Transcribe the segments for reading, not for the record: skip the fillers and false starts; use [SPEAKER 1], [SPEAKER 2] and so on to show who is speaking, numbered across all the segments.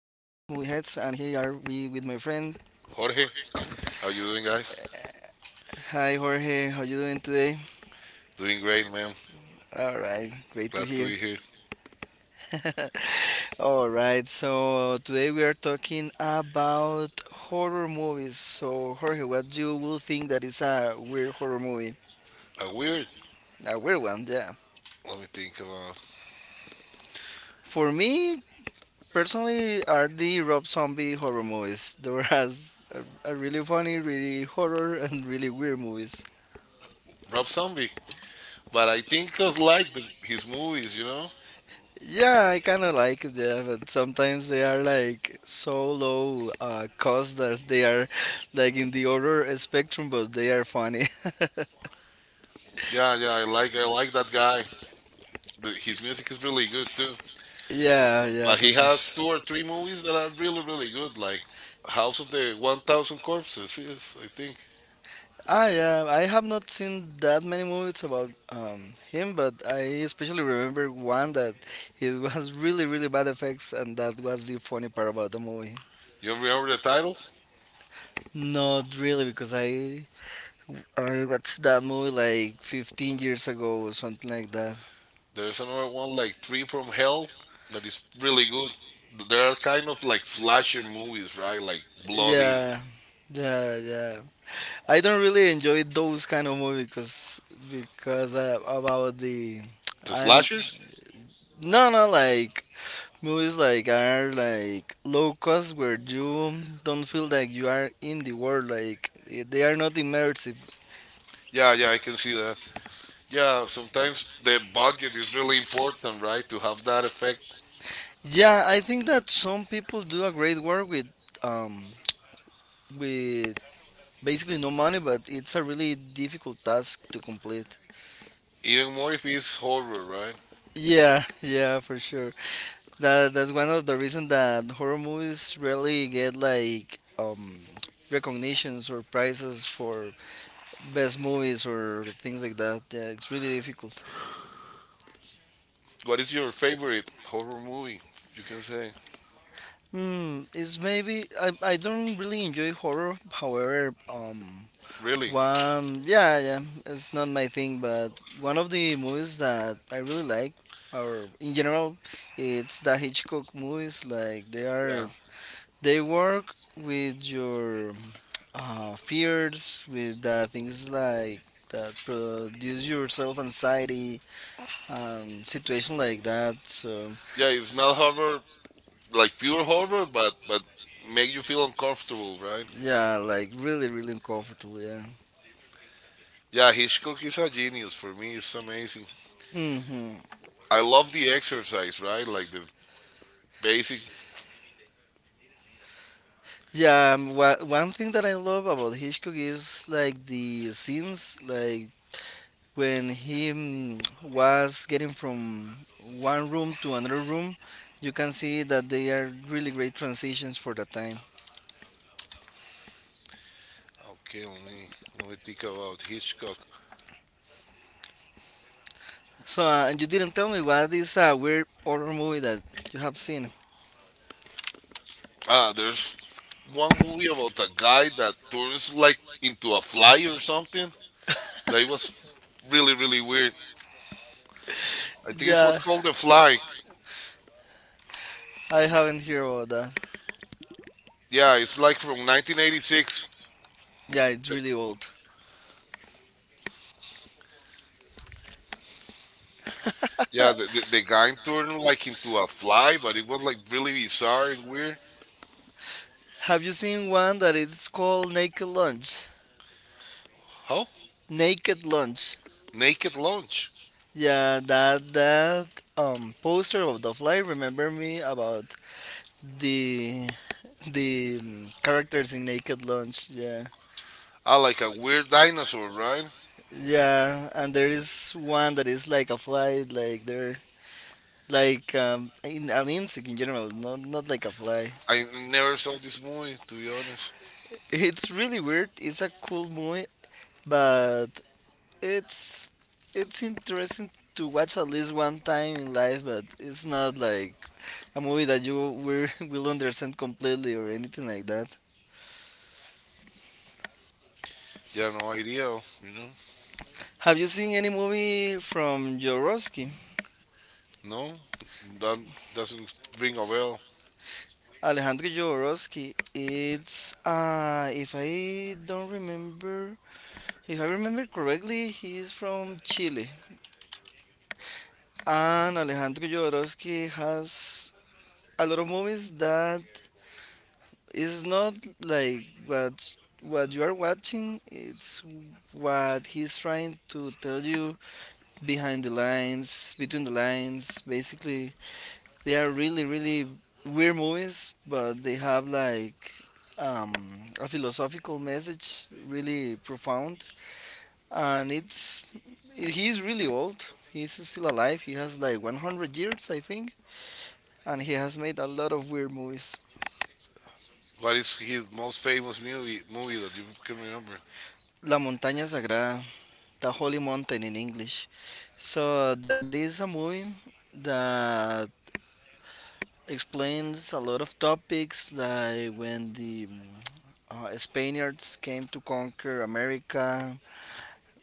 [SPEAKER 1] Heads, and here are we with my friend.
[SPEAKER 2] Jorge, how you doing, guys?
[SPEAKER 1] Hi, Jorge. How you doing today?
[SPEAKER 2] Doing great, man.
[SPEAKER 1] All right, great to
[SPEAKER 2] Glad to
[SPEAKER 1] hear.
[SPEAKER 2] be here.
[SPEAKER 1] All right, so today we are talking about horror movies. So, Jorge, what you will think that is a weird horror movie?
[SPEAKER 2] Weird.
[SPEAKER 1] A weird one, yeah.
[SPEAKER 2] Let me think about
[SPEAKER 1] For me, personally, are the Rob Zombie horror movies. There are, a really funny, really horror, and really weird movies.
[SPEAKER 2] Rob Zombie, but I think I like his movies. You know?
[SPEAKER 1] Yeah, I kind of like them, but sometimes they are like so low cost that they are like in the order spectrum, but they are funny.
[SPEAKER 2] Yeah, yeah. I like that guy. His music is really good too.
[SPEAKER 1] Yeah, yeah,
[SPEAKER 2] But
[SPEAKER 1] for
[SPEAKER 2] he
[SPEAKER 1] sure.
[SPEAKER 2] has two or three movies that are really really good, like House of the 1,000 Corpses. Yes, I think.
[SPEAKER 1] Ah, yeah, I have not seen that many movies about him, but I especially remember one that it was really, really bad effects, and that was the funny part about the movie.
[SPEAKER 2] You remember the title?
[SPEAKER 1] Not really, because I watched that movie like 15 years ago or something like that.
[SPEAKER 2] There's another one like Three from Hell that is really good. They are kind of like slasher movies, right? Like bloody
[SPEAKER 1] Yeah, yeah, yeah. I don't really enjoy those kind of movies because about the
[SPEAKER 2] the
[SPEAKER 1] I'm
[SPEAKER 2] slashers.
[SPEAKER 1] no no like movies like are like low cost where you don't feel like you are in the world like they are not immersive.
[SPEAKER 2] Yeah, yeah, I can see that. Yeah, sometimes the budget is really important, right? To have that effect,
[SPEAKER 1] Yeah, I think that some people do a great work with um with basically no money, but it's a really difficult task to complete.
[SPEAKER 2] even more if it's horror, right?
[SPEAKER 1] Yeah, yeah, for sure. That's one of the reasons that horror movies really get like recognitions or prizes for best movies or things like that. Yeah, it's really difficult.
[SPEAKER 2] What is your favorite horror movie? You can say.
[SPEAKER 1] Hmm, it's maybe I don't really enjoy horror. However,
[SPEAKER 2] Really?
[SPEAKER 1] one yeah, yeah, it's not my thing. But one of the movies that I really like, or in general, it's the Hitchcock movies. Like they
[SPEAKER 2] Yeah.
[SPEAKER 1] are They work with your fears, with the things like that produce your self anxiety and situation like that. So
[SPEAKER 2] Yeah, it's not horror, like pure horror, but make you feel uncomfortable, right?
[SPEAKER 1] yeah, like really, really uncomfortable. Yeah.
[SPEAKER 2] Yeah, Hitchcock is a genius for me. It's amazing.
[SPEAKER 1] Hmm.
[SPEAKER 2] I love the exercise, right? Like the basic.
[SPEAKER 1] Yeah. One thing that I love about Hitchcock is like the scenes, like when he was getting from one room to another room. You can see that they are really great transitions for the time.
[SPEAKER 2] Okay, let me think about Hitchcock.
[SPEAKER 1] So, and you didn't tell me what is a weird horror movie that you have seen.
[SPEAKER 2] Ah, there's one movie about a guy that turns like into a fly or something. That it was really really weird. I think it's what's
[SPEAKER 1] Yeah,
[SPEAKER 2] called the fly.
[SPEAKER 1] I haven't heard about that.
[SPEAKER 2] Yeah, it's like from 1986.
[SPEAKER 1] Yeah, it's
[SPEAKER 2] The-
[SPEAKER 1] really old.
[SPEAKER 2] Yeah, the guy turned like into a fly, but it was like really bizarre and weird.
[SPEAKER 1] Have you seen one that is called Naked Lunch?
[SPEAKER 2] How?
[SPEAKER 1] Naked Lunch.
[SPEAKER 2] Naked Lunch.
[SPEAKER 1] Yeah, that poster of the fly remember me about the the characters in Naked Lunch. Yeah.
[SPEAKER 2] Ah, like a weird dinosaur, right?
[SPEAKER 1] Yeah, and there is one that is like a fly, like they're like in an insect in general, not like a fly.
[SPEAKER 2] I never saw this movie, to be honest.
[SPEAKER 1] It's really weird. It's a cool movie, but it's it's interesting to watch at least one time in life. But it's not like a movie that you will will understand completely or anything like that.
[SPEAKER 2] Yeah, no idea, you know?
[SPEAKER 1] Have you seen any movie from Jodorowsky?
[SPEAKER 2] No? That doesn't ring a bell.
[SPEAKER 1] Alejandro Jodorowsky. It's if I remember correctly, he is from Chile. And Alejandro Jodorowsky has a lot of movies that it's not like what you are watching. It's what he's trying to tell you behind the lines, between the lines. Basically, they are really really weird movies, but they have like um, a philosophical message, really profound. And it's he's really old. He's still alive. He has like 100 years, I think, and he has made a lot of weird movies.
[SPEAKER 2] What is his most famous movie that you can remember?
[SPEAKER 1] La Montaña Sagrada, The Holy Mountain in English. So that is a movie that explains a lot of topics, like when the Spaniards came to conquer America.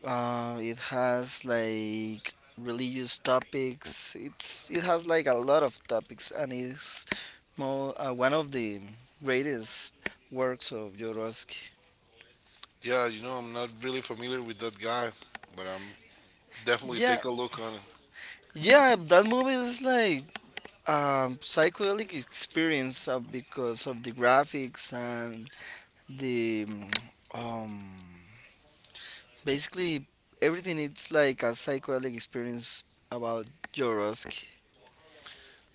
[SPEAKER 1] It has like religious topics. It has like a lot of topics, and it's more one of the greatest works of Jodorowsky.
[SPEAKER 2] Yeah, you know I'm not really familiar with that guy, but I'm definitely
[SPEAKER 1] Yeah,
[SPEAKER 2] take a look on it.
[SPEAKER 1] yeah, that movie is like psychedelic experience because of the graphics and the um, basically everything. It's like a psychedelic experience about Jorosk.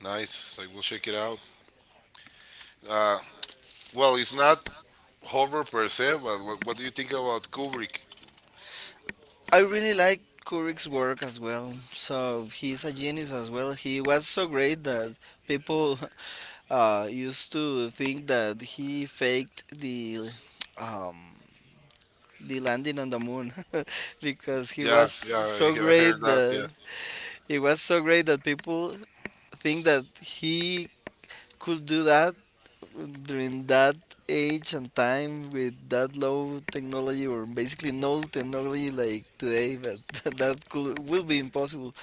[SPEAKER 2] Nice, I will check it out. Uh, well, it's not horror per se, but what do you think about Kubrick?
[SPEAKER 1] I really like Kurik's work as well. So he's a genius as well. He was so great that people used to think that he faked um, the landing on the moon because he
[SPEAKER 2] Yeah,
[SPEAKER 1] was
[SPEAKER 2] yeah,
[SPEAKER 1] so
[SPEAKER 2] I heard
[SPEAKER 1] great
[SPEAKER 2] that. Yeah,
[SPEAKER 1] that it was so great that people think that he could do that during that age and time with that low technology or basically no technology like today, but that could will be impossible.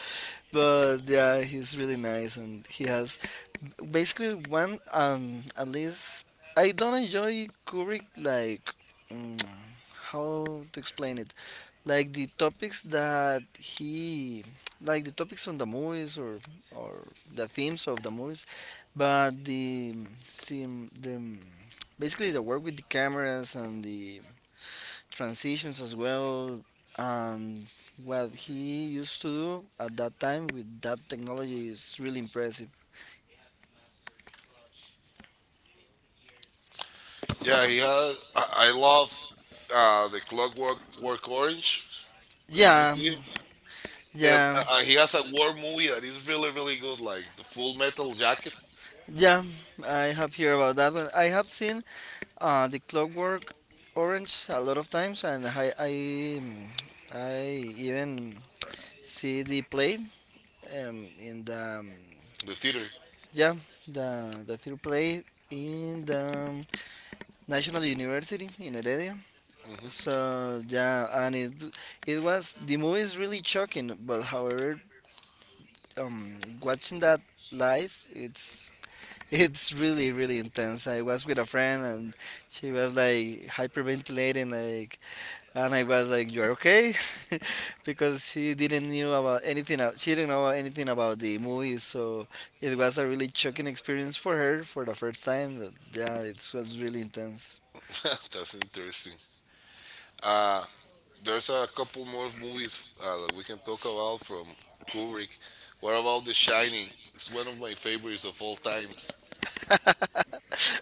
[SPEAKER 1] But yeah, he's really nice, and he has basically one, at least, I don't enjoy Kubrick like mm, how to explain it, like the topics that he like the topics on the movies or the themes of the movies, but the basically the work with the cameras and the transitions as well and what he used to do at that time with that technology is really impressive.
[SPEAKER 2] yeah, he had. I love the Clockwork Work Orange. Have you
[SPEAKER 1] Yeah,
[SPEAKER 2] seen it? And
[SPEAKER 1] yeah,
[SPEAKER 2] he has a war movie that is really, really good, like the Full Metal Jacket,
[SPEAKER 1] yeah, I have heard about that one. I have seen the Clockwork Orange a lot of times, and mm, I even see the play in the
[SPEAKER 2] the theater.
[SPEAKER 1] yeah, the theater play in the National University in Heredia.
[SPEAKER 2] Hmm
[SPEAKER 1] So yeah, and it was the movie is really shocking, but however, um, watching that live, it's really, really intense. I was with a friend, and she was like hyperventilating, like, and I was like, "You're okay," because she didn't knew about anything. She didn't know anything about the movie, so it was a really shocking experience for her for the first time. But yeah, it was really intense.
[SPEAKER 2] That's interesting. Uh, there's a couple more movies that we can talk about from Kubrick. What about The Shining? It's one of my favorites of all times.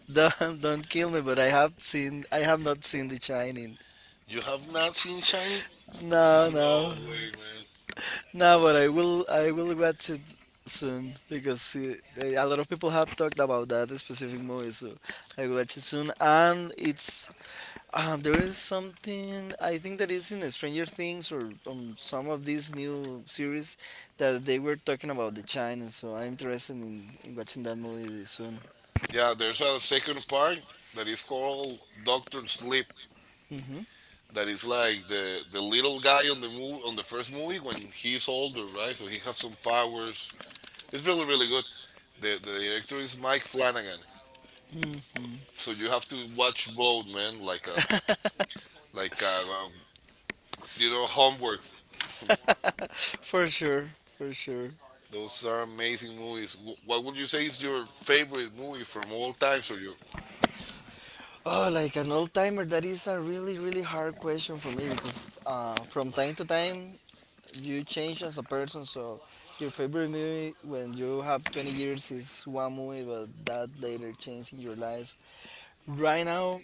[SPEAKER 1] Don't kill me, but I have not seen The Shining.
[SPEAKER 2] You have not seen Shining?
[SPEAKER 1] No,
[SPEAKER 2] No
[SPEAKER 1] no.
[SPEAKER 2] way, man.
[SPEAKER 1] No, but I will watch it soon because it, a lot of people have talked about that specific movie, so I will watch it soon. And it's there is something I think that is in Stranger Things or some of these new series that they were talking about the China, so I'm interested in watching that movie soon.
[SPEAKER 2] Yeah, there's a second part that is called Doctor Sleep.
[SPEAKER 1] Hmm.
[SPEAKER 2] That is like the little guy on the move on the first movie when he's older, right? So he has some powers. It's really really good. The director is Mike Flanagan.
[SPEAKER 1] Hmm.
[SPEAKER 2] So you have to watch both, man. Like a, you know, homework.
[SPEAKER 1] For sure, for sure.
[SPEAKER 2] Those are amazing movies. What would you say is your favorite movie from all time? So, you,
[SPEAKER 1] Oh, like an old timer, that is a really, really hard question for me because from time to time you change as a person. So your favorite movie when you have 20 years is one movie, but that later changed in your life. Right now,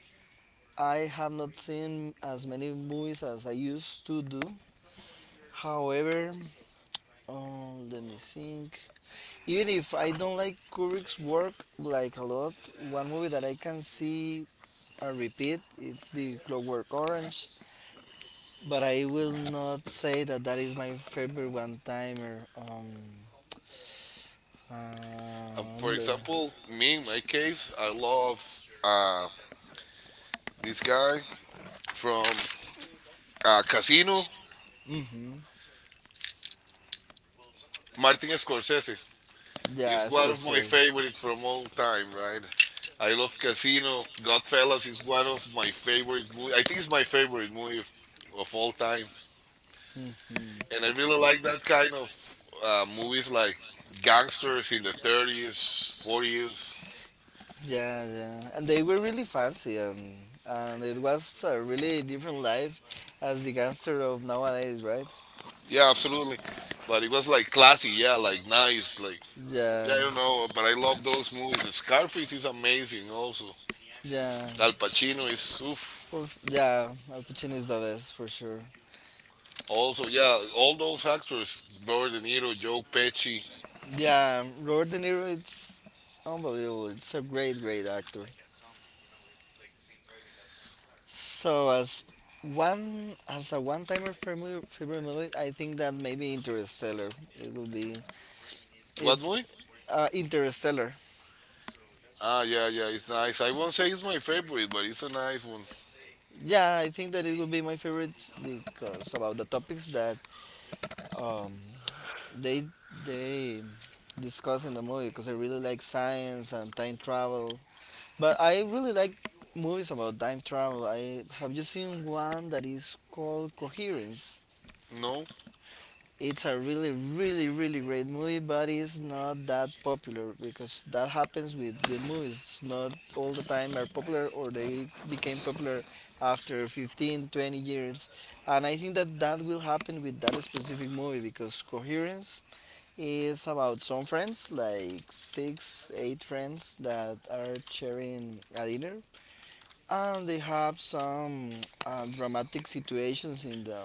[SPEAKER 1] I have not seen as many movies as I used to do. However, let me think. Even if I don't like Kubrick's work like a lot, one movie that I can see a repeat it's the Clockwork Orange. But I will not say that that is my favorite one timer. Uh,
[SPEAKER 2] for example, me in my case, I love this guy from Casino,
[SPEAKER 1] mm-hmm.
[SPEAKER 2] Martin Scorsese. Is
[SPEAKER 1] Yeah,
[SPEAKER 2] one of my
[SPEAKER 1] Scorsese.
[SPEAKER 2] favorites from all time, right? I love Casino. Godfellas is one of my favorite movies. I think it's my favorite movie of all time.
[SPEAKER 1] Mhm.
[SPEAKER 2] And I really like that kind of movies like gangsters in the 30s, 40s.
[SPEAKER 1] Yeah, yeah. And they were really fancy, and it was a really different life as the gangster of nowadays, right?
[SPEAKER 2] Yeah, absolutely. But it was like classy, yeah, like nice, like
[SPEAKER 1] Yeah,
[SPEAKER 2] yeah, I don't know, but I love those movies. Scarface is amazing also.
[SPEAKER 1] yeah.
[SPEAKER 2] Al Pacino is oof.
[SPEAKER 1] For, yeah, Al Pacino is the best for sure.
[SPEAKER 2] Also, yeah, all those actors, Robert De Niro, Joe Pesci.
[SPEAKER 1] Yeah, Robert De Niro, it's unbelievable. It's a great, great actor. So as one as a one timer favorite movie, I think that maybe Interstellar. It will be
[SPEAKER 2] What
[SPEAKER 1] it's
[SPEAKER 2] movie?
[SPEAKER 1] Interstellar.
[SPEAKER 2] Ah, yeah, yeah, it's nice. I won't say it's my favorite, but it's a nice one.
[SPEAKER 1] Yeah, I think that it will be my favorite because about the topics that um, they discuss in the movie. Because I really like science and time travel. But I really like movies about time travel. I have you seen one that is called Coherence?
[SPEAKER 2] No,
[SPEAKER 1] It's a really, really, really great movie, but it's not that popular because that happens with good movies. It's not all the time are popular or they became popular after 15, 20 years. And I think that that will happen with that specific movie because Coherence is about some friends, like six, eight friends that are sharing a dinner. And they have some dramatic situations in the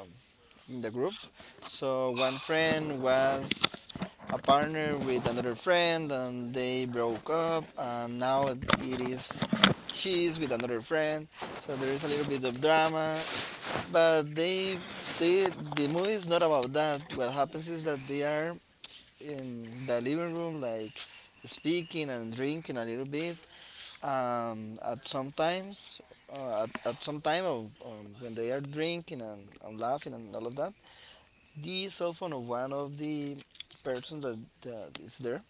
[SPEAKER 1] in the group. So one friend was a partner with another friend, and they broke up, and now it is she's with another friend. So there is a little bit of drama, but the movie is not about that. What happens is that they are in the living room, like speaking and drinking a little bit. Um, at sometimes, at some time of when they are drinking and laughing and all of that, the cell phone of one of the persons that is there.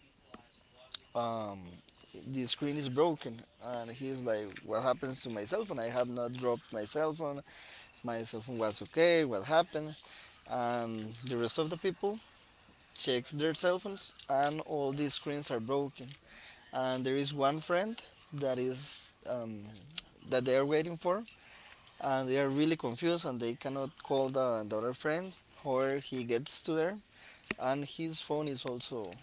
[SPEAKER 1] Um, the screen is broken, and he's like, "What happens to my cell phone? I have not dropped my cell phone. My cell phone was okay. What happened?" And the rest of the people checks their cell phones, and all the screens are broken. And there is one friend that is um, that they are waiting for, and they are really confused, and they cannot call the other friend, or he gets to there, and his phone is also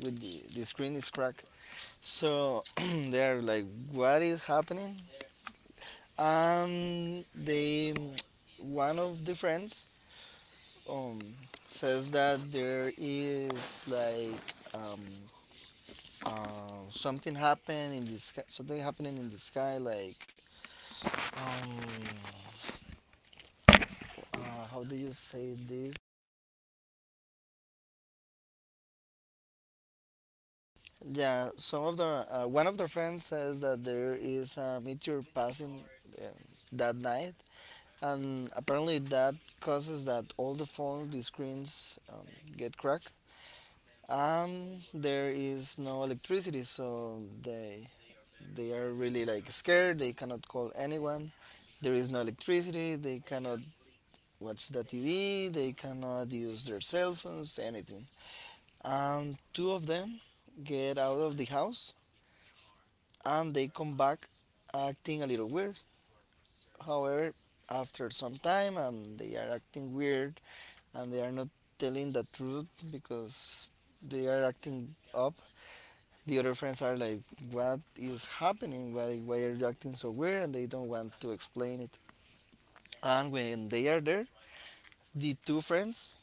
[SPEAKER 1] with the screen is cracked. So they're like, what is happening? They one of the friends um says that there is something happened in the sky, something happening in the sky, um how do you say this? Yeah, some of the one of the friends says that there is a meteor passing uh, that night, and apparently that causes that all the phones, the screens get cracked. And there is no electricity, so they are really like scared. They cannot call anyone. There is no electricity. They cannot watch the TV. They cannot use their cell phones. Anything. And two of them get out of the house, and they come back acting a little weird. However, after some time, and they are acting weird and they are not telling the truth because they are acting up. The other friends are like, "What is happening? Why are you acting so weird?" And they don't want to explain it. And when they are there, the two friends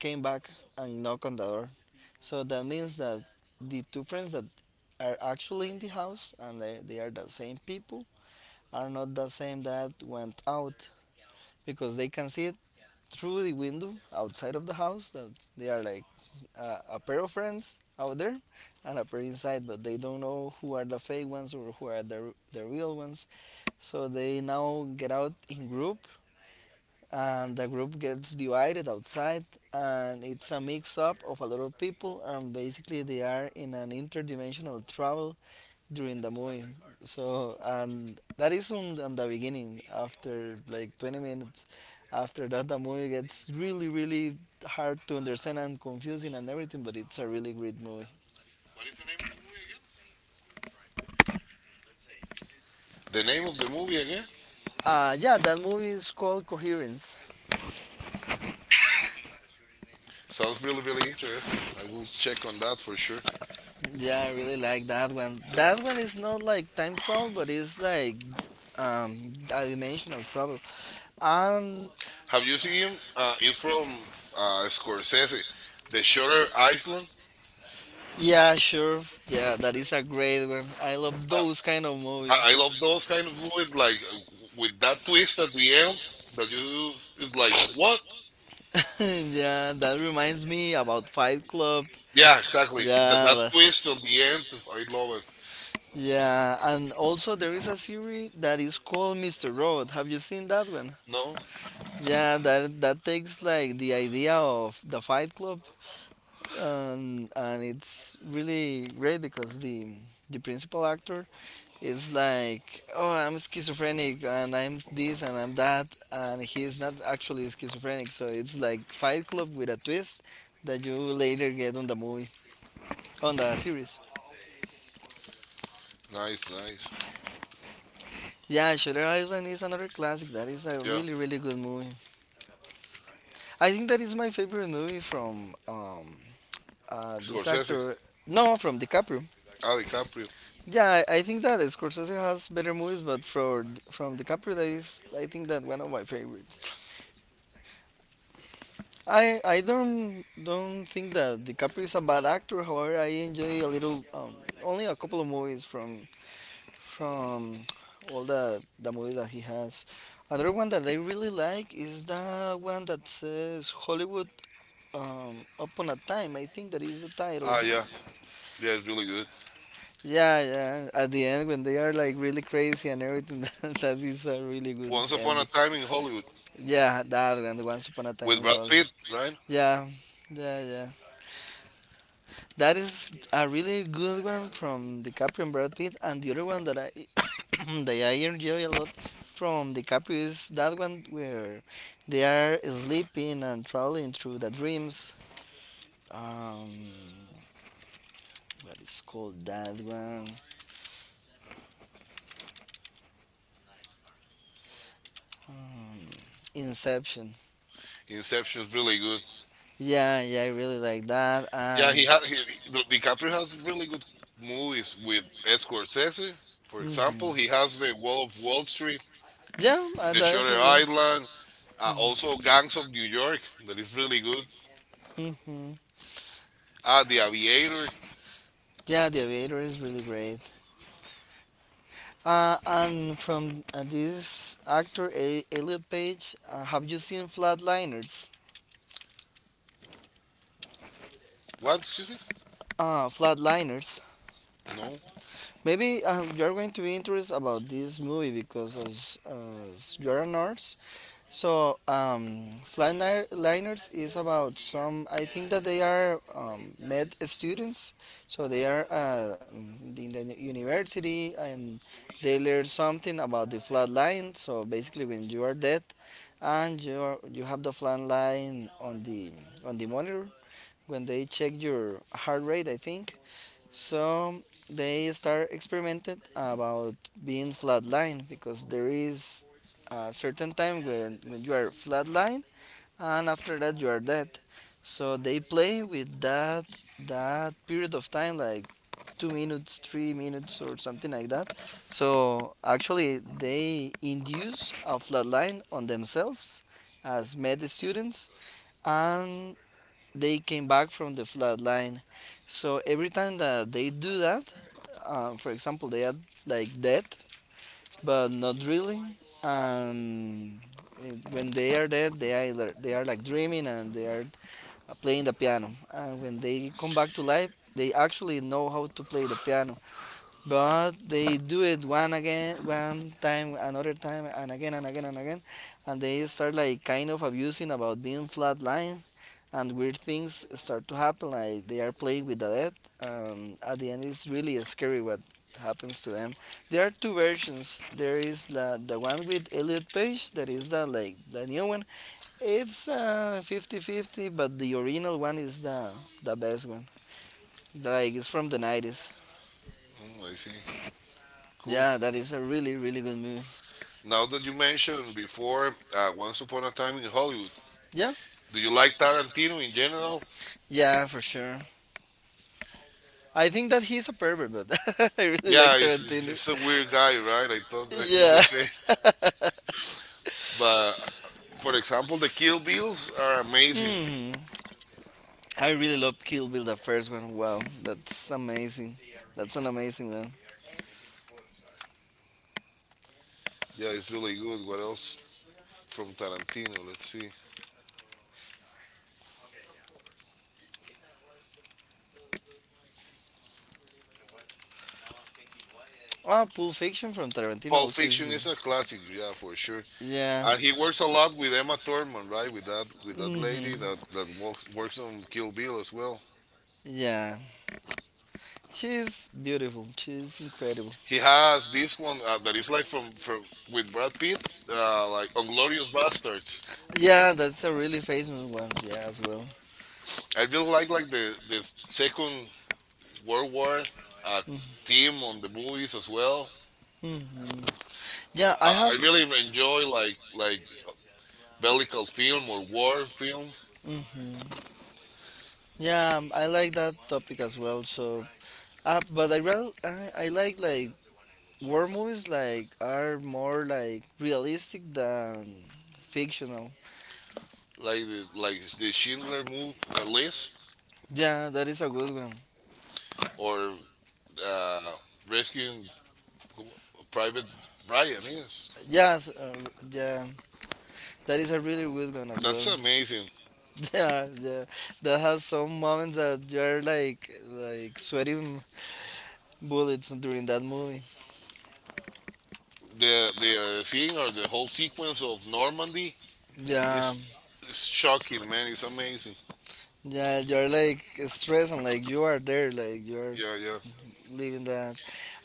[SPEAKER 1] came back and knock on the door. So that means that the two friends that are actually in the house and they are the same people are not the same that went out because they can see through the window outside of the house that they are like a pair of friends out there and a pair inside, but they don't know who are the fake ones or who are the real ones. So they now get out in group and the group gets divided outside, and it's a mix up of a lot of people, and basically they are in an interdimensional travel during the movie. So and that is on the beginning. After like 20 minutes, after that the movie gets really hard to understand and confusing and everything. But it's a really great movie.
[SPEAKER 2] the name of the movie again?
[SPEAKER 1] Yeah, that movie is called Coherence.
[SPEAKER 2] Sounds really, really interesting. I will check on that for sure.
[SPEAKER 1] Yeah, I really like that one. That one is not like time travel, but it's like um a dimensional travel. Um
[SPEAKER 2] Have you seen it's from Scorsese, The Shutter Island.
[SPEAKER 1] yeah, sure. Yeah, that is a great one. I love
[SPEAKER 2] Uh,
[SPEAKER 1] those kind of
[SPEAKER 2] I love those kind of
[SPEAKER 1] movies.
[SPEAKER 2] movies, like with that twist at the end that you is like what?
[SPEAKER 1] Yeah, that reminds me about Fight Club.
[SPEAKER 2] Yeah, exactly. That that
[SPEAKER 1] Yeah,
[SPEAKER 2] twist at the end, I love it.
[SPEAKER 1] yeah, and also there is a series that is called Mr. Robot. Have you seen that one?
[SPEAKER 2] No,
[SPEAKER 1] Yeah, that takes like the idea of the Fight Club, and it's really great because the principal actor it's like, oh, I'm schizophrenic and I'm this and I'm that, and he's not actually schizophrenic. So it's like Fight Club with a twist that you later get on the movie, on the series.
[SPEAKER 2] nice, nice.
[SPEAKER 1] Yeah, Shutter Island is another classic. That is a
[SPEAKER 2] Yeah,
[SPEAKER 1] really, really good movie. I think that is my favorite movie from this
[SPEAKER 2] Scorsese,
[SPEAKER 1] actor. No, from DiCaprio.
[SPEAKER 2] ah, DiCaprio.
[SPEAKER 1] Yeah, I think that Scorsese has better movies, but for from DiCaprio, that is, I think that one of my favorites. I don't think that DiCaprio is a bad actor. However, I enjoy a little, only a couple of movies from all the movies that he has. Another one that I really like is the one that says Hollywood Upon a Time. I think that is the title.
[SPEAKER 2] Ah, yeah, yeah, it's really good.
[SPEAKER 1] Yeah, yeah. At the end, when they are like really crazy and everything, that is a really good
[SPEAKER 2] Once Upon a
[SPEAKER 1] ending.
[SPEAKER 2] Time in Hollywood
[SPEAKER 1] Yeah, that one, the Once Upon a Time
[SPEAKER 2] with
[SPEAKER 1] in
[SPEAKER 2] Brad
[SPEAKER 1] Hollywood.
[SPEAKER 2] Pitt, right?
[SPEAKER 1] Yeah, yeah, yeah. That is a really good one from DiCaprio and Brad Pitt, and the other one that I that I enjoy a lot from DiCaprio is that one where they are sleeping and traveling through the dreams. Um, what is called that one? Um, Inception.
[SPEAKER 2] Inception's really good.
[SPEAKER 1] Yeah, yeah, I really like that.
[SPEAKER 2] Yeah,
[SPEAKER 1] And
[SPEAKER 2] he had. DiCaprio has really good movies with Scorsese. For
[SPEAKER 1] mhm.
[SPEAKER 2] example, he has the Wall of Wall Street,
[SPEAKER 1] Yeah,
[SPEAKER 2] The
[SPEAKER 1] that is a
[SPEAKER 2] Shutter
[SPEAKER 1] good.
[SPEAKER 2] Island, also Gangs of New York. That is really good.
[SPEAKER 1] Mhm.
[SPEAKER 2] Ah, The Aviator.
[SPEAKER 1] Yeah, The Aviator is really great. And from this actor, Elliot Page, have you seen Flatliners?
[SPEAKER 2] What? Excuse me.
[SPEAKER 1] Flatliners.
[SPEAKER 2] No.
[SPEAKER 1] Maybe you're going to be interested about this movie because as you're a nurse. So, flatliners is about some. I think that they are med students, so they are in the university and they learn something about the flat line. So basically, when you are dead and you have the flat line on the monitor, when they check your heart rate, I think so they start experimenting about being flatline because there is a certain time when you are flatline and after that you are dead. So they play with that period of time like 2 minutes, 3 minutes or something like that. So actually they induce a flatline on themselves as med students and they came back from the flat line. So every time that they do that, for example, they are like dead, but not really. Um, and when they are dead, they are like dreaming and they are playing the piano. And when they come back to life, they actually know how to play the piano, but they do it one again, one time, another time, and again and again and again, and they start like kind of abusing about being flatline and weird things start to happen. Like they are playing with the dead, and at the end, it's really scary what happens to them. There are two versions. There is the one with Elliot Page, that is the like the new one. It's 50-50, but the original one is the best one. Like it's from the 90s.
[SPEAKER 2] Mm, I see. Cool.
[SPEAKER 1] Yeah, that is a really good movie.
[SPEAKER 2] Now that you mentioned before, Once Upon a Time in Hollywood.
[SPEAKER 1] Yeah,
[SPEAKER 2] Do you like Tarantino in general?
[SPEAKER 1] yeah, for sure. I think that he's a pervert, but I really like
[SPEAKER 2] Yeah,
[SPEAKER 1] Tarantino.
[SPEAKER 2] he's a weird guy, right? I think
[SPEAKER 1] Yeah.
[SPEAKER 2] the same. But for example, the Kill Bills are amazing.
[SPEAKER 1] Hmm. I really love Kill Bill, the first one. Wow, that's amazing. That's an amazing one.
[SPEAKER 2] Yeah, it's really good. What else from Tarantino? Let's see.
[SPEAKER 1] Ah, Pulp Fiction from Tarantino
[SPEAKER 2] Pulp
[SPEAKER 1] also is
[SPEAKER 2] Fiction
[SPEAKER 1] good.
[SPEAKER 2] is a classic, yeah, for sure.
[SPEAKER 1] Yeah.
[SPEAKER 2] And he works a lot with Emma Thurman, right? With that
[SPEAKER 1] Hmm.
[SPEAKER 2] lady that works on Kill Bill as well.
[SPEAKER 1] Yeah. She's beautiful. She's incredible.
[SPEAKER 2] He has this one that is like from with Brad Pitt, like on Glorious Bastards.
[SPEAKER 1] Yeah, that's a really famous one. Yeah, as well.
[SPEAKER 2] I really like the Second World War uh, theme on the movies as well.
[SPEAKER 1] Hmm. Yeah,
[SPEAKER 2] I,
[SPEAKER 1] I
[SPEAKER 2] I
[SPEAKER 1] have.
[SPEAKER 2] really enjoy like bellical film or war film.
[SPEAKER 1] Hmm. Yeah, I like that topic as well. So, but I real I like war movies like are more like realistic than fictional.
[SPEAKER 2] Like the Schindler move, the list,
[SPEAKER 1] Yeah, that is a good one.
[SPEAKER 2] or uh, rescuing Private Ryan. Yes,
[SPEAKER 1] Yes, yeah, that is a really good one as
[SPEAKER 2] that's
[SPEAKER 1] well.
[SPEAKER 2] amazing.
[SPEAKER 1] Yeah, yeah, that has some moments that you're like sweating bullets during that movie.
[SPEAKER 2] The scene or the whole sequence of Normandy
[SPEAKER 1] Yeah,
[SPEAKER 2] is is shocking, man. It's amazing.
[SPEAKER 1] yeah, you're like stressed and like you are there, like you are
[SPEAKER 2] Yeah, yeah,
[SPEAKER 1] living that.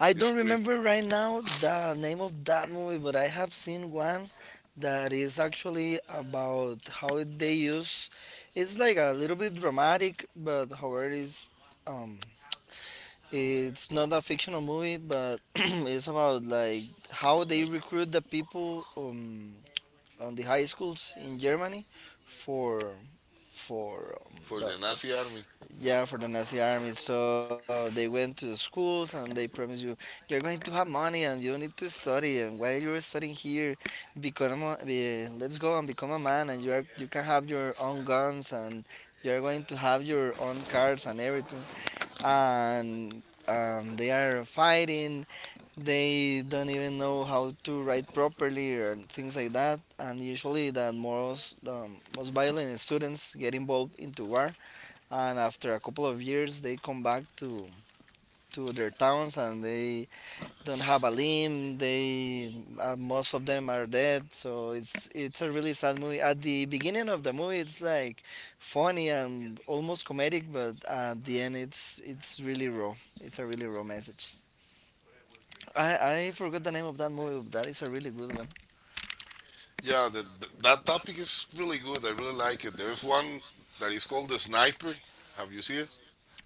[SPEAKER 1] I
[SPEAKER 2] it's
[SPEAKER 1] don't
[SPEAKER 2] crazy
[SPEAKER 1] remember right now the name of that movie, but I have seen one that is actually about how they use. It's like a little bit dramatic, but however, um, it's not a fictional movie, but it's about like how they recruit the people. On the high schools in Germany for for um,
[SPEAKER 2] for
[SPEAKER 1] the,
[SPEAKER 2] the Nazi army.
[SPEAKER 1] yeah, for the Nazi army. So they went to the schools and they promised you you're going to have money and you need to study and while you're studying here, become a, be, let's go and become a man and you are you can have your own guns and you're going to have your own cars and everything and they are fighting, they don't even know how to write properly or things like that, and usually the most violent students get involved into war, and after a couple of years they come back to their towns and they don't have a limb, they most of them are dead, so it's a really sad movie. At the beginning of the movie it's like funny and almost comedic, but at the end it's really raw, it's a really raw message. I forgot the name of that movie, but that is a really good one.
[SPEAKER 2] Yeah, the, th that topic is really good. I really like it. There's one that is called the Sniper. Have you seen it?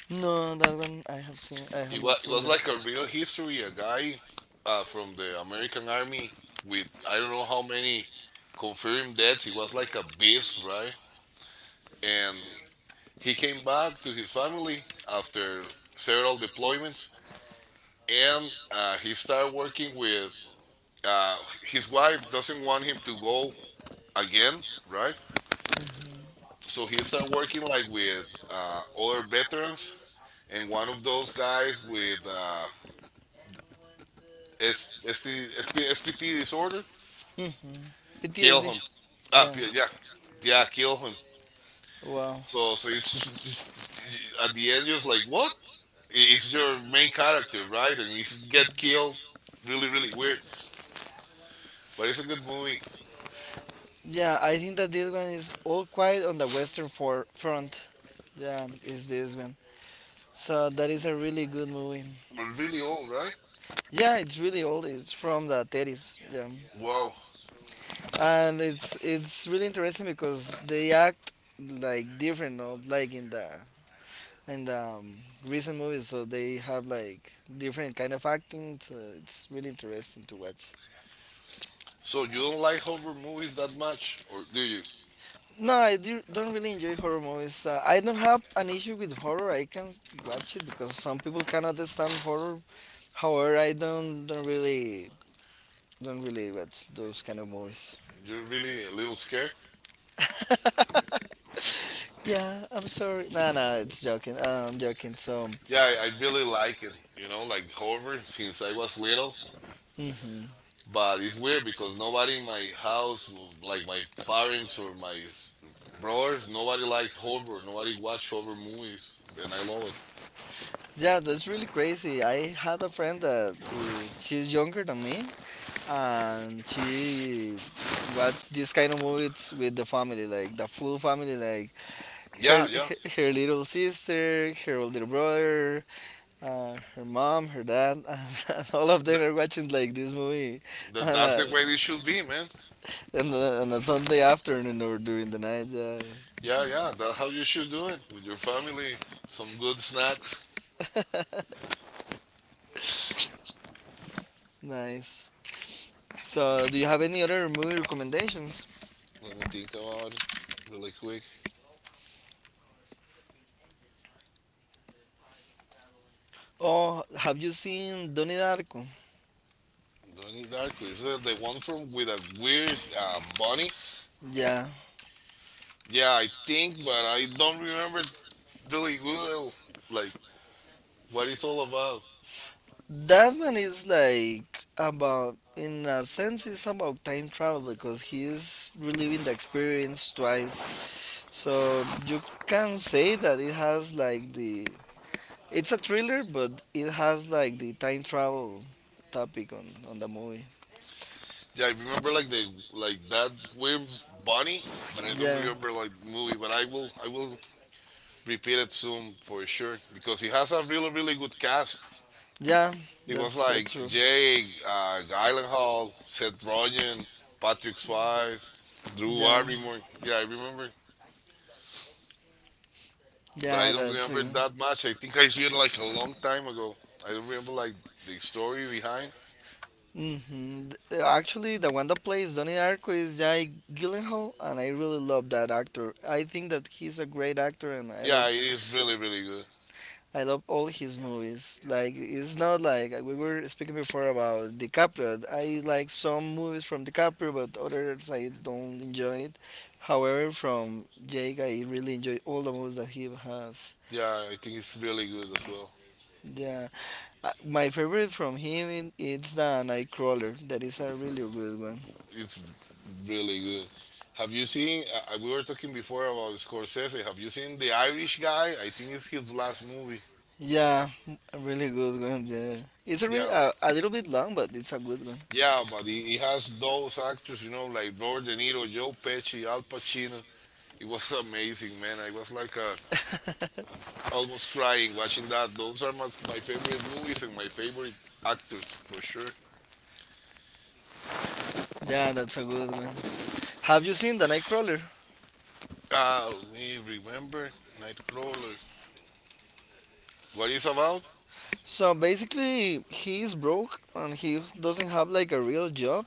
[SPEAKER 1] No, that one I have seen. I have not
[SPEAKER 2] It
[SPEAKER 1] seen
[SPEAKER 2] was
[SPEAKER 1] that.
[SPEAKER 2] like a real history. A guy from the American Army with I don't know how many confirmed deaths. He was like a beast, right? And he came back to his family after several deployments, and he started working with. Uh, his wife doesn't want him to go again, right? So he started working like with other veterans, and one of those guys with S- SPT disorder
[SPEAKER 1] Hmm.
[SPEAKER 2] kill
[SPEAKER 1] PTSD.
[SPEAKER 2] him.
[SPEAKER 1] Yeah.
[SPEAKER 2] Yeah, yeah, kill him.
[SPEAKER 1] Wow.
[SPEAKER 2] So, it's at the end, just like what? It's your main character, right? And he's get killed. Really, really weird. But it's a good movie.
[SPEAKER 1] Yeah, I think that this one is All Quiet on the Western for Front. Yeah, is this one. So that is a really good movie.
[SPEAKER 2] But really old, right?
[SPEAKER 1] Yeah, it's really old. It's from the 30s. Yeah.
[SPEAKER 2] Wow.
[SPEAKER 1] And it's really interesting because they act like different, no? Like in the and recent movies, so they have like different kind of acting. So it's really interesting to watch.
[SPEAKER 2] So you don't like horror movies that much, or do you?
[SPEAKER 1] No, don't really enjoy horror movies. I don't have an issue with horror. I can watch it because some people cannot stand horror. However, I don't really watch those kind of movies.
[SPEAKER 2] You're really a little scared.
[SPEAKER 1] Yeah, I'm sorry. No, no, it's joking. I'm joking. So,
[SPEAKER 2] Yeah, I really like it. You know, like horror since I was little.
[SPEAKER 1] hmm,
[SPEAKER 2] But it's weird because nobody in my house, like my parents or brothers, nobody likes horror. Nobody watch horror movies, and I love it.
[SPEAKER 1] yeah, that's really crazy. I had a friend that she's younger than me, and she watched this kind of movies with the family, like the full family, like her
[SPEAKER 2] Yeah, yeah.
[SPEAKER 1] her little sister, her older brother, her mom, her dad, and all of them
[SPEAKER 2] Th-
[SPEAKER 1] are watching like this movie and
[SPEAKER 2] that's the way it should be, man.
[SPEAKER 1] on a Sunday afternoon or during the night. Yeah.
[SPEAKER 2] Yeah, yeah. That's how you should do it with your family. Some good snacks.
[SPEAKER 1] Nice. So, do you have any other movie recommendations?
[SPEAKER 2] Let me think about it really quick.
[SPEAKER 1] Oh, have you seen Donnie Darko?
[SPEAKER 2] Donnie Darko is that the one from with a weird bunny?
[SPEAKER 1] Yeah.
[SPEAKER 2] Yeah, I think, but I don't remember really well, like what it's all about.
[SPEAKER 1] That one is like about, in a sense, it's about time travel because he is reliving the experience twice. So you can say that it has like the. It's a thriller, but it has like the time travel topic on the movie.
[SPEAKER 2] Yeah, I remember like the like that weird bunny, but I don't
[SPEAKER 1] Yeah,
[SPEAKER 2] remember like movie. But I will repeat it soon for sure because he has a really really good cast.
[SPEAKER 1] yeah,
[SPEAKER 2] It was
[SPEAKER 1] that's
[SPEAKER 2] like
[SPEAKER 1] true.
[SPEAKER 2] Jake, Gyllenhaal, Seth Rogen, Patrick Swayze, Drew
[SPEAKER 1] Yeah,
[SPEAKER 2] Barrymore. Yeah, I remember, but I
[SPEAKER 1] yeah,
[SPEAKER 2] don't
[SPEAKER 1] that's
[SPEAKER 2] remember
[SPEAKER 1] true.
[SPEAKER 2] that much. I think I see it like a long time ago. I don't remember like the story behind.
[SPEAKER 1] Hmm. Actually, the one that plays Donnie Darko is Jai Gyllenhaal, and I really love that actor. I think that he's a great actor, and
[SPEAKER 2] Yeah, it is really really good.
[SPEAKER 1] I love all his movies. Like it's not like we were speaking before about DiCaprio. I like some movies from DiCaprio, but others I don't enjoy it. However, from Jake, I really enjoy all the movies that he has.
[SPEAKER 2] Yeah, I think it's really good as well.
[SPEAKER 1] Yeah. My favorite from him is the Nightcrawler. That is a really good one.
[SPEAKER 2] It's really good. Have you seen? We were talking before about Scorsese. Have you seen the Irish guy? I think it's his last movie.
[SPEAKER 1] Yeah, a really good one. Yeah, it's a
[SPEAKER 2] Yeah,
[SPEAKER 1] a little bit long, but it's a good one.
[SPEAKER 2] yeah, but he has those actors, you know, like Robert De Niro, Joe Pesci, Al Pacino. It was amazing, man. I was like almost crying watching that. Those are my favorite movies and my favorite actors for sure.
[SPEAKER 1] Yeah, that's a good one. Have you seen the Nightcrawler?
[SPEAKER 2] Ah, let me remember Nightcrawler. What is about?
[SPEAKER 1] So basically, he is broke and he doesn't have like a real job,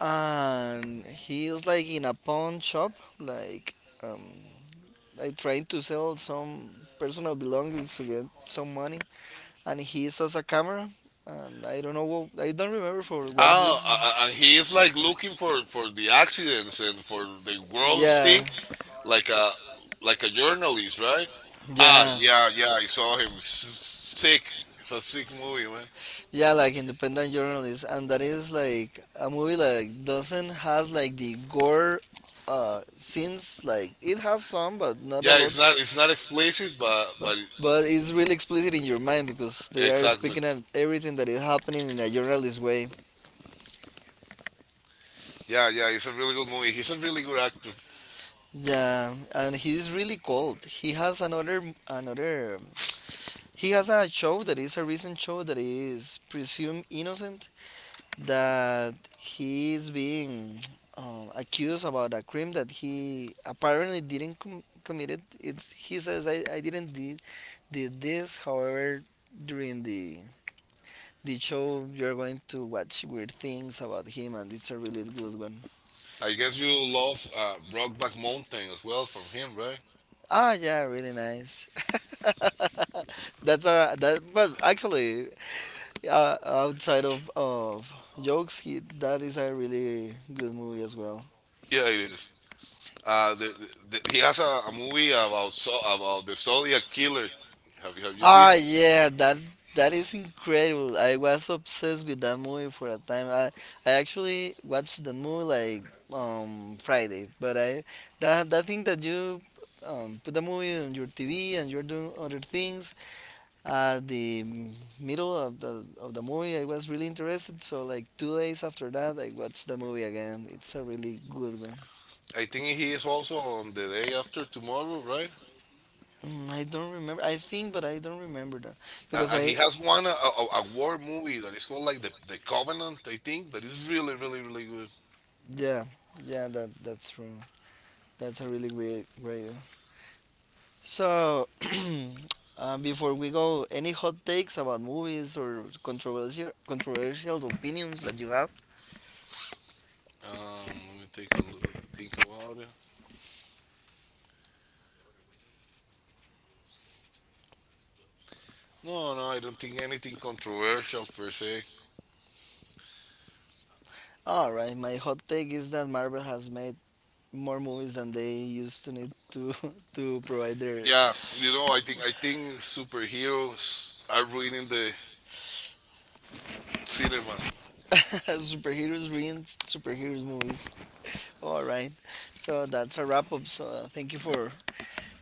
[SPEAKER 1] and he is like in a pawn shop, like um, like trying to sell some personal belongings to get some money. And he sells a camera, and I don't know, what, I don't remember for what
[SPEAKER 2] Oh,
[SPEAKER 1] reason.
[SPEAKER 2] and he is like looking for the accidents and for the world's thing,
[SPEAKER 1] Yeah,
[SPEAKER 2] like a like a journalist, right? Ah,
[SPEAKER 1] yeah, yeah.
[SPEAKER 2] yeah, yeah, I saw him. S- Sick. It's a
[SPEAKER 1] Like,
[SPEAKER 2] sick movie, man.
[SPEAKER 1] yeah. Like independent journalist, and that is like a movie like doesn't has like the gore scenes. Like it has some, but not a
[SPEAKER 2] Yeah,
[SPEAKER 1] lot.
[SPEAKER 2] it's not explicit, but
[SPEAKER 1] But it's really explicit in your mind because they are
[SPEAKER 2] exactly.
[SPEAKER 1] speaking at everything that is happening in a journalist way.
[SPEAKER 2] Yeah, yeah, it's a really good movie. He's a really good actor.
[SPEAKER 1] Yeah, and he's really cold. He has another He has a show that is a recent show that is presumed innocent, that he is being accused about a crime that he apparently didn't committed. It's he says I didn't did this. However, during the show, you're going to watch weird things about him, and it's a really good one.
[SPEAKER 2] I guess you love Brokeback Mountain as well from him, right?
[SPEAKER 1] Ah, yeah, really nice. That's a that, but actually, outside of jokes, he, that is a really good movie as well.
[SPEAKER 2] Yeah, it is. He has a movie about about the Zodiac killer. Have you seen?
[SPEAKER 1] Ah, yeah, that that is incredible. I was obsessed with that movie for a time. I actually watched the movie like Friday, but I that that thing that you put the movie on your TV and you're doing other things at the middle of the movie. I was really interested, so like 2 days after that, I watched the movie again. It's a really good one.
[SPEAKER 2] I think he is also on the day after tomorrow, right?
[SPEAKER 1] Mm, I don't remember. I think, but I don't remember that because
[SPEAKER 2] And he
[SPEAKER 1] I
[SPEAKER 2] has one a war movie that is called like the Covenant, I think, that is really, really, really good.
[SPEAKER 1] yeah yeah that that's true. That's a really great grader. So, before we go, any hot takes about movies or controversial opinions that you have?
[SPEAKER 2] Let me take a look, think about it. No, no, I don't think anything controversial per se.
[SPEAKER 1] All right, my hot take is that Marvel has made more movies than they used to need to to provide their
[SPEAKER 2] Yeah, you know, I think superheroes are ruining the cinema.
[SPEAKER 1] superheroes ruined superheroes movies. All right. So that's a wrap up. So thank you for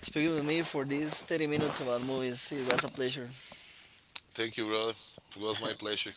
[SPEAKER 1] speaking with me for these 30 minutes about movies. It was a pleasure.
[SPEAKER 2] Thank you, brother. It was my pleasure.